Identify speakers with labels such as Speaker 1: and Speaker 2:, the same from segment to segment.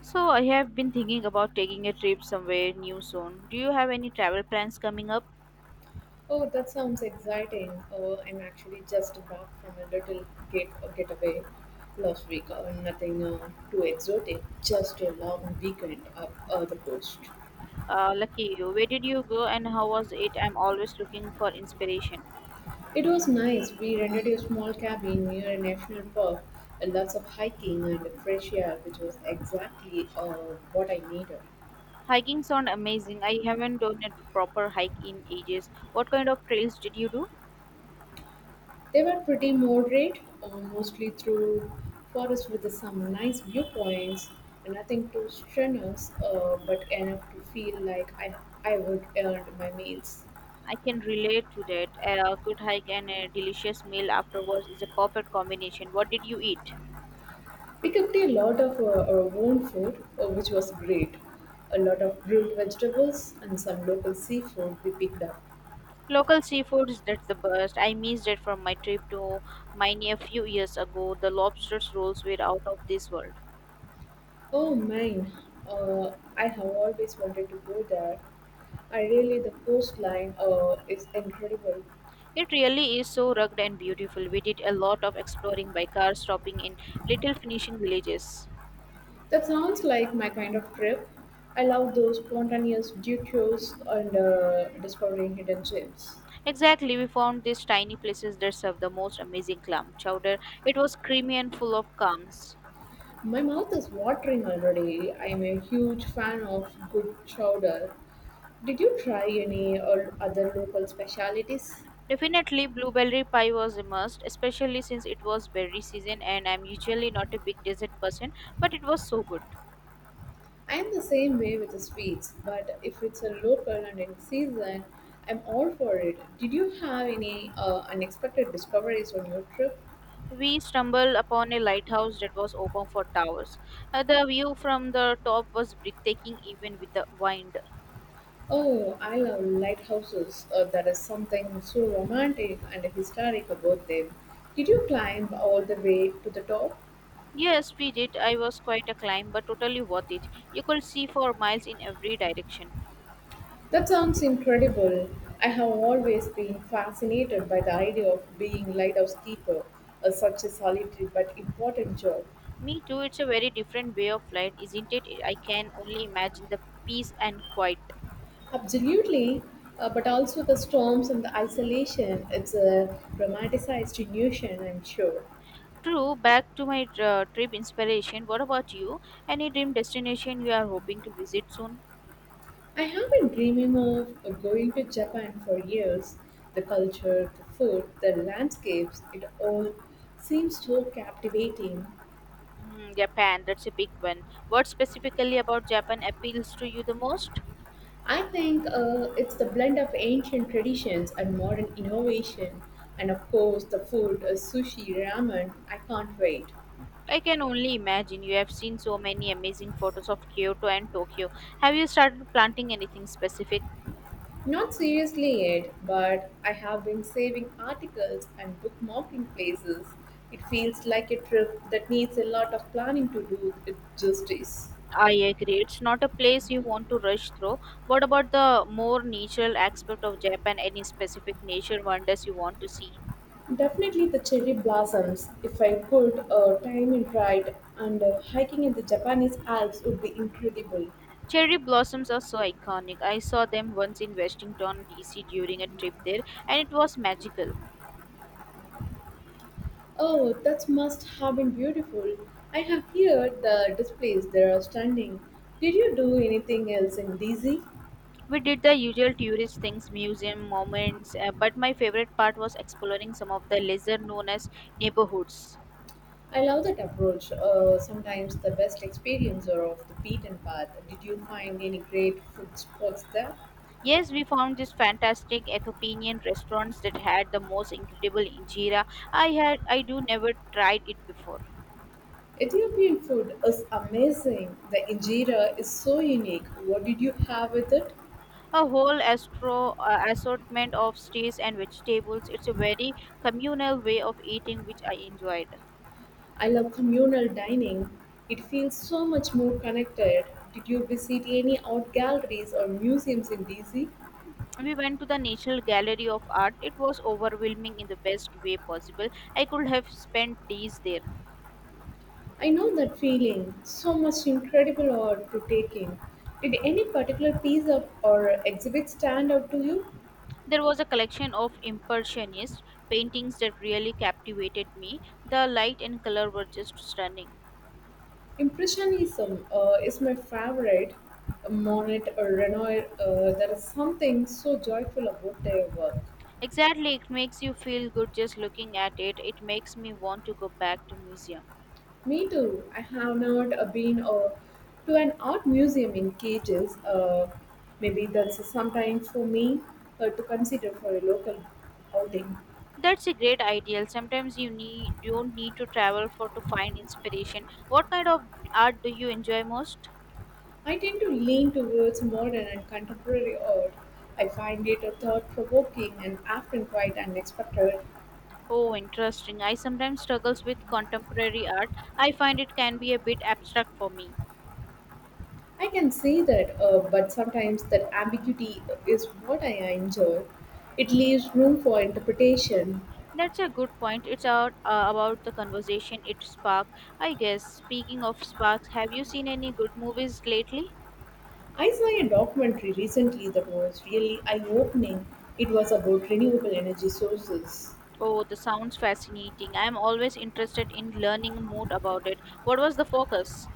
Speaker 1: So, I have been thinking about taking a trip somewhere new soon. Do you have any travel plans coming up?
Speaker 2: Oh, that sounds exciting. Oh, I'm actually just back from a little getaway last week. Nothing too exotic, just a long weekend up the coast.
Speaker 1: Lucky you. Where did you go and how was it? I'm always looking for inspiration.
Speaker 2: It was nice. We rented a small cabin near a national park, and lots of hiking and fresh air, which was exactly what I needed.
Speaker 1: Hiking sound amazing. I haven't done a proper hike in ages. What kind of trails did you do?
Speaker 2: They were pretty moderate, mostly through forests with some nice viewpoints, and nothing too strenuous, but enough to feel like I would earn my meals.
Speaker 1: I can relate to that. A good hike and a delicious meal afterwards is a perfect combination. What did you eat?
Speaker 2: We cooked a lot of our own food, which was great. A lot of grilled vegetables and some local seafood we picked up.
Speaker 1: Local seafoods, that's the best. I missed it from my trip to Maine a few years ago. The lobster's rolls were out of this world.
Speaker 2: Oh man, uh, I have always wanted to go there. I really, the coastline is incredible.
Speaker 1: It really is so rugged and beautiful. We did a lot of exploring by car, stopping in little Finishing villages.
Speaker 2: That sounds like my kind of trip. I love those spontaneous detours and discovering hidden gems.
Speaker 1: Exactly, we found these tiny places that serve the most amazing clam chowder. It was creamy and full of crumbs.
Speaker 2: My mouth is watering already. I'm a huge fan of good chowder. Did you try any or other local specialities?
Speaker 1: Definitely, blueberry pie was a must, especially since it was berry season and I'm usually not a big dessert person, but it was so good.
Speaker 2: I am the same way with the sweets, but if it's a local and in season, I'm all for it. Did you have any unexpected discoveries on your trip?
Speaker 1: We stumbled upon a lighthouse that was open for towers. The view from the top was breathtaking even with the wind.
Speaker 2: Oh, I love lighthouses. There is something so romantic and historic about them. Did you climb all the way to the top?
Speaker 1: Yes, we did. I was quite a climb, but totally worth it. You could see for miles in every direction.
Speaker 2: That sounds incredible. I have always been fascinated by the idea of being lighthouse keeper, such a solitary but important job.
Speaker 1: Me too, it's a very different way of life, isn't it? I can only imagine the peace and quiet.
Speaker 2: Absolutely, but also the storms and the isolation. It's a romanticized notion, I'm sure.
Speaker 1: True, back to my trip inspiration. What about you? Any dream destination you are hoping to visit soon?
Speaker 2: I have been dreaming of going to Japan for years. The culture, the food, the landscapes, it all seems so captivating.
Speaker 1: Mm, Japan, that's a big one. What specifically about Japan appeals to you the most?
Speaker 2: I think it's the blend of ancient traditions and modern innovation. And of course, the food, sushi, ramen, I can't wait.
Speaker 1: I can only imagine you have seen so many amazing photos of Kyoto and Tokyo. Have you started planting anything specific?
Speaker 2: Not seriously yet, but I have been saving articles and bookmarking places. It feels like a trip that needs a lot of planning to do it justice.
Speaker 1: I agree. It's not a place you want to rush through. What about the more natural aspect of Japan? Any specific nature wonders you want to see?
Speaker 2: Definitely the cherry blossoms. If I could, time it right, and hiking in the Japanese Alps would be incredible.
Speaker 1: Cherry blossoms are so iconic. I saw them once in Washington, D.C. during a trip there, and it was magical.
Speaker 2: Oh, that must have been beautiful. I have heard the displays there are stunning. Did you do anything else in DZ?
Speaker 1: We did the usual tourist things, museum moments, but my favorite part was exploring some of the lesser known as neighborhoods.
Speaker 2: I love that approach. Sometimes the best experience are off the beaten path. Did you find any great food spots there?
Speaker 1: Yes, we found this fantastic Ethiopian restaurants that had the most incredible injera. I do never tried it before.
Speaker 2: Ethiopian food is amazing. The injera is so unique. What did you have with it?
Speaker 1: A whole astro assortment of steaks and vegetables. It's a very communal way of eating, which I enjoyed.
Speaker 2: I love communal dining. It feels so much more connected. Did you visit any art galleries or museums in DC?
Speaker 1: We went to the National Gallery of Art. It was overwhelming in the best way possible. I could have spent days there.
Speaker 2: I know that feeling. So much incredible art to take in. Did any particular piece of or exhibit stand out to you?
Speaker 1: There was a collection of impressionist paintings that really captivated me. The light and color were just stunning.
Speaker 2: Impressionism is my favorite. Monet or Renoir, there is something so joyful about their work.
Speaker 1: Exactly, it makes you feel good just looking at it. It makes me want to go back to museum.
Speaker 2: Me too. I have not been to an art museum in cages. Maybe that's sometimes for me to consider for a local outing.
Speaker 1: That's a great idea. Sometimes you need don't need to travel for to find inspiration. What kind of art do you enjoy most?
Speaker 2: I tend to lean towards modern and contemporary art. I find it a thought-provoking and often quite unexpected.
Speaker 1: Oh, interesting. I sometimes struggles with contemporary art. I find it can be a bit abstract for me.
Speaker 2: I can see that, but sometimes that ambiguity is what I enjoy. It leaves room for interpretation.
Speaker 1: That's a good point. It's out about the conversation it sparked. I guess. Speaking of sparks, have you seen any good movies lately?
Speaker 2: I saw a documentary recently that was really eye opening. It was about renewable energy sources.
Speaker 1: Oh, that sounds fascinating. I'm always interested in learning more about it. What was the focus?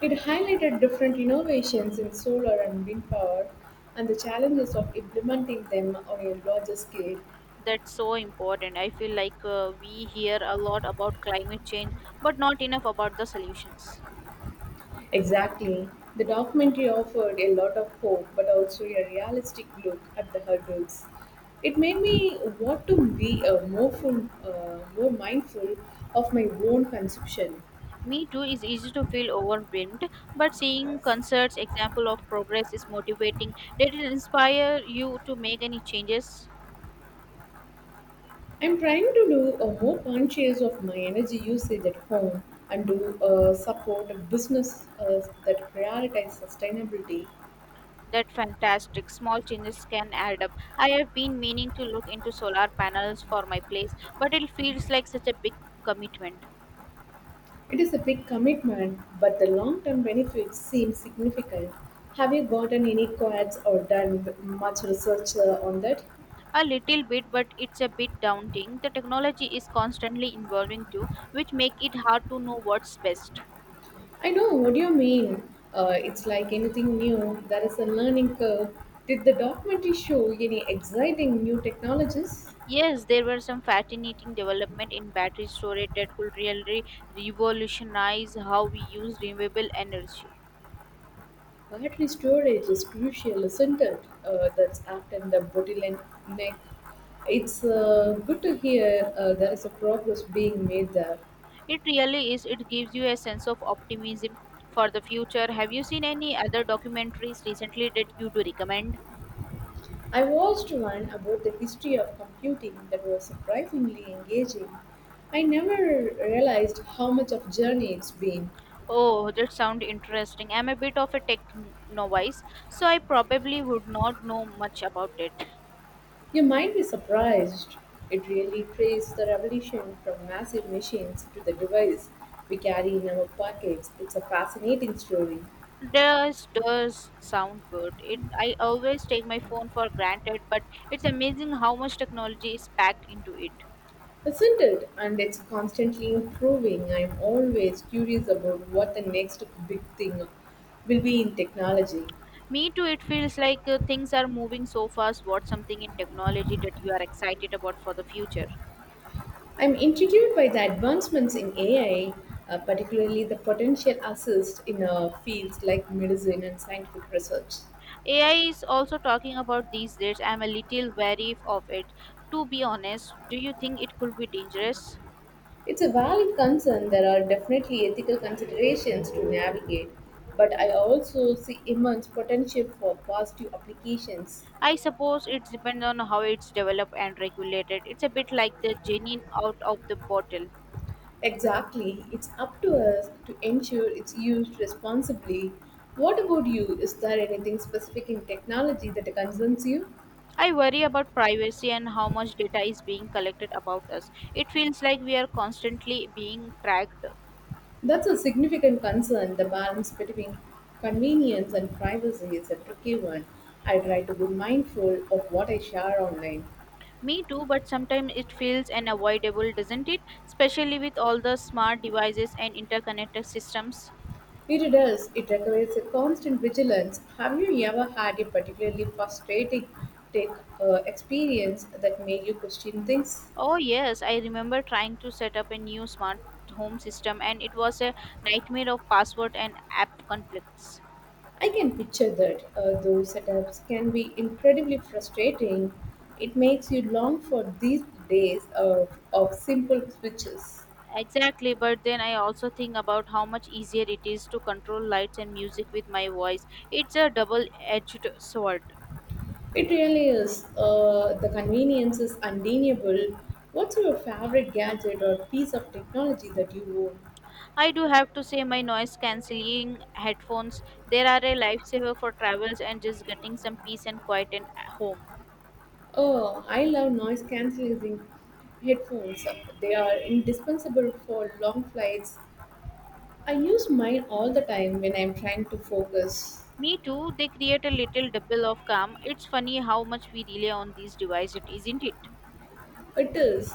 Speaker 2: It highlighted different innovations in solar and wind power and the challenges of implementing them on a larger scale.
Speaker 1: That's so important. I feel like we hear a lot about climate change, but not enough about the solutions.
Speaker 2: Exactly. The documentary offered a lot of hope but also a realistic look at the hurdles. It made me want to be more mindful of my own consumption.
Speaker 1: Me too is easy to feel overwhelmed, but seeing concerts example of progress is motivating. Did it inspire you to make any changes?
Speaker 2: I'm trying to do a more conscious of my energy usage at home and do support a business that prioritize sustainability.
Speaker 1: That fantastic. Small changes can add up. I have been meaning to look into solar panels for my place, but it feels like such a big commitment.
Speaker 2: It is a big commitment, but the long-term benefits seem significant. Have you gotten any quads or done much research on that?
Speaker 1: A little bit, but it's a bit daunting. The technology is constantly evolving too, which make it hard to know what's best.
Speaker 2: I know what do you mean. It's like anything new. There is a learning curve. Did the documentary show any exciting new technologies?
Speaker 1: Yes, there were some fascinating development in battery storage that could really revolutionize how we use renewable energy.
Speaker 2: Battery storage is crucial, isn't it? That's often the bottleneck. It's good to hear there is a progress being made there.
Speaker 1: It really is. It gives you a sense of optimism for the future. Have you seen any other documentaries recently that you do recommend?
Speaker 2: I watched one about the history of computing that was surprisingly engaging. I never realized how much of journey it's been.
Speaker 1: Oh, that sounds interesting. I'm a bit of a tech novice, so I probably would not know much about it.
Speaker 2: You might be surprised. It really traced the revolution from massive machines to the device we carry in our pockets. It's a fascinating story.
Speaker 1: Does sound good. It I always take my phone for granted, but it's amazing how much technology is packed into it.
Speaker 2: Isn't it? And it's constantly improving. I'm always curious about what the next big thing will be in technology.
Speaker 1: Me too. It feels like things are moving so fast. What's something in technology that you are excited about for the future?
Speaker 2: I'm intrigued by the advancements in AI, particularly the potential assist in fields like medicine and scientific research.
Speaker 1: AI is also talking about these days. I'm a little wary of it. To be honest, do you think it could be dangerous?
Speaker 2: It's a valid concern. There are definitely ethical considerations to navigate, but I also see immense potential for positive applications.
Speaker 1: I suppose it depends on how it's developed and regulated. It's a bit like the genie out of the bottle.
Speaker 2: Exactly. It's up to us to ensure it's used responsibly. What about you? Is there anything specific in technology that concerns you?
Speaker 1: I worry about privacy and how much data is being collected about us. It feels like we are constantly being tracked.
Speaker 2: That's a significant concern. The balance between convenience and privacy is a tricky one. I try to be mindful of what I share online.
Speaker 1: Me too, but sometimes it feels unavoidable, doesn't it? Especially with all the smart devices and interconnected systems.
Speaker 2: It does. It requires a constant vigilance. Have you ever had a particularly frustrating tech experience that made you question things?
Speaker 1: Oh, yes, I remember trying to set up a new smart home system, and it was a nightmare of password and app conflicts.
Speaker 2: I can picture that. Those setups can be incredibly frustrating. It makes you long for these days of simple switches.
Speaker 1: Exactly, but then I also think about how much easier it is to control lights and music with my voice. It's a double edged sword.
Speaker 2: It really is. The convenience is undeniable. What's your favorite gadget or piece of technology that you own?
Speaker 1: I do have to say my noise cancelling headphones they are a lifesaver for travels and just getting some peace and quiet in at home.
Speaker 2: Oh, I love noise cancelling headphones. They are indispensable for long flights. I use mine all the time when I'm trying to focus.
Speaker 1: Me too, they create a little double of calm. It's funny how much we rely on these devices, isn't it?
Speaker 2: It is.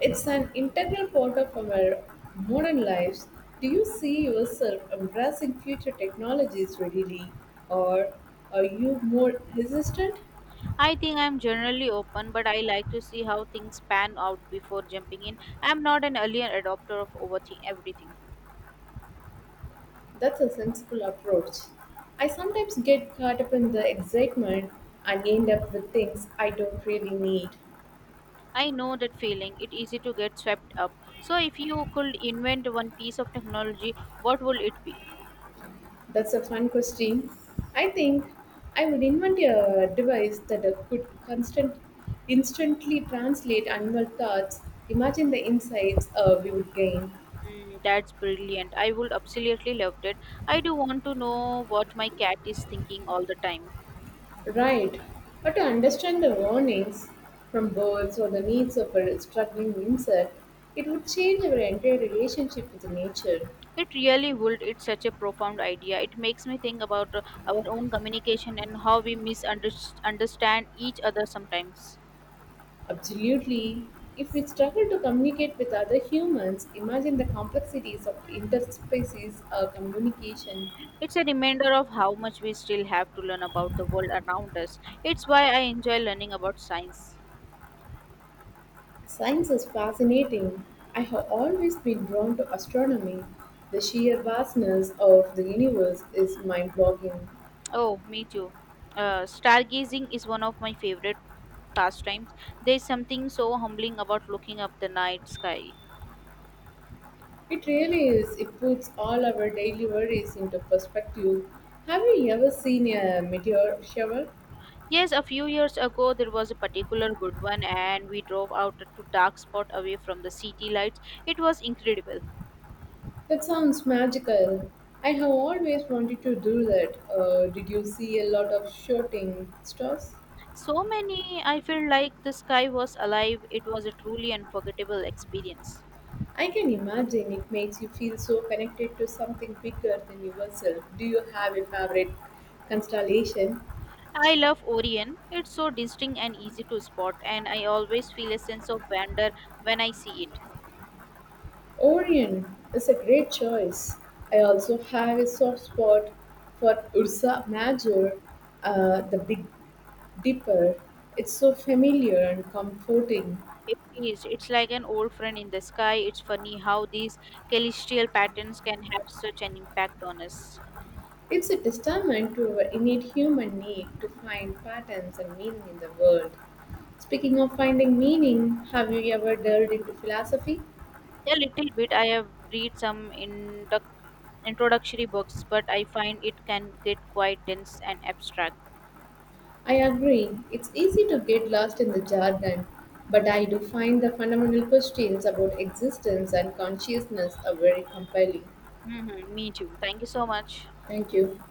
Speaker 2: It's an integral part of our modern lives. Do you see yourself embracing future technologies readily, or are you more hesitant?
Speaker 1: I think I'm generally open, but I like to see how things pan out before jumping in. I'm not an early adopter of overthink everything.
Speaker 2: That's a sensible approach. I sometimes get caught up in the excitement and end up with things I don't really need.
Speaker 1: I know that feeling. It's easy to get swept up. So if you could invent one piece of technology, what would it be?
Speaker 2: That's a fun question. I think I would invent a device that instantly translate animal thoughts. Imagine the insights we would gain.
Speaker 1: Mm, that's brilliant. I would absolutely love it. I do want to know what my cat is thinking all the time.
Speaker 2: Right. But to understand the warnings from birds or the needs of a struggling insect, it would change our entire relationship with nature.
Speaker 1: It really would. It's such a profound idea. It makes me think about our own communication and how we misunderstand each other sometimes.
Speaker 2: Absolutely. If we struggle to communicate with other humans, imagine the complexities of interspecies communication.
Speaker 1: It's a reminder of how much we still have to learn about the world around us. It's why I enjoy learning about science.
Speaker 2: Science is fascinating. I have always been drawn to astronomy. The sheer vastness of the universe is mind boggling.
Speaker 1: Oh, me too. Stargazing is one of my favorite pastimes. There's something so humbling about looking up the night sky.
Speaker 2: It really is. It puts all our daily worries into perspective. Have you ever seen a meteor shower?
Speaker 1: Yes, a few years ago there was a particular good one, and we drove out to dark spot away from the city lights. It was incredible.
Speaker 2: That sounds magical. I have always wanted to do that. Did you see a lot of shooting stars?
Speaker 1: So many, I feel like the sky was alive. It was a truly unforgettable experience.
Speaker 2: I can imagine it makes you feel so connected to something bigger than yourself. Do you have a favorite constellation?
Speaker 1: I love Orion. It's so distinct and easy to spot, and I always feel a sense of wonder when I see it.
Speaker 2: Orion is a great choice. I also have a soft spot for Ursa Major, the Big Dipper. It's so familiar and comforting.
Speaker 1: It is. It's like an old friend in the sky. It's funny how these celestial patterns can have such an impact on us.
Speaker 2: It's a testament to our innate human need to find patterns and meaning in the world. Speaking of finding meaning, have you ever delved into philosophy?
Speaker 1: A little bit. I have read some introductory books, but I find it can get quite dense and abstract.
Speaker 2: I agree. It's easy to get lost in the jargon, but I do find the fundamental questions about existence and consciousness are very compelling.
Speaker 1: Hmm. Me too. Thank you so much.
Speaker 2: Thank you.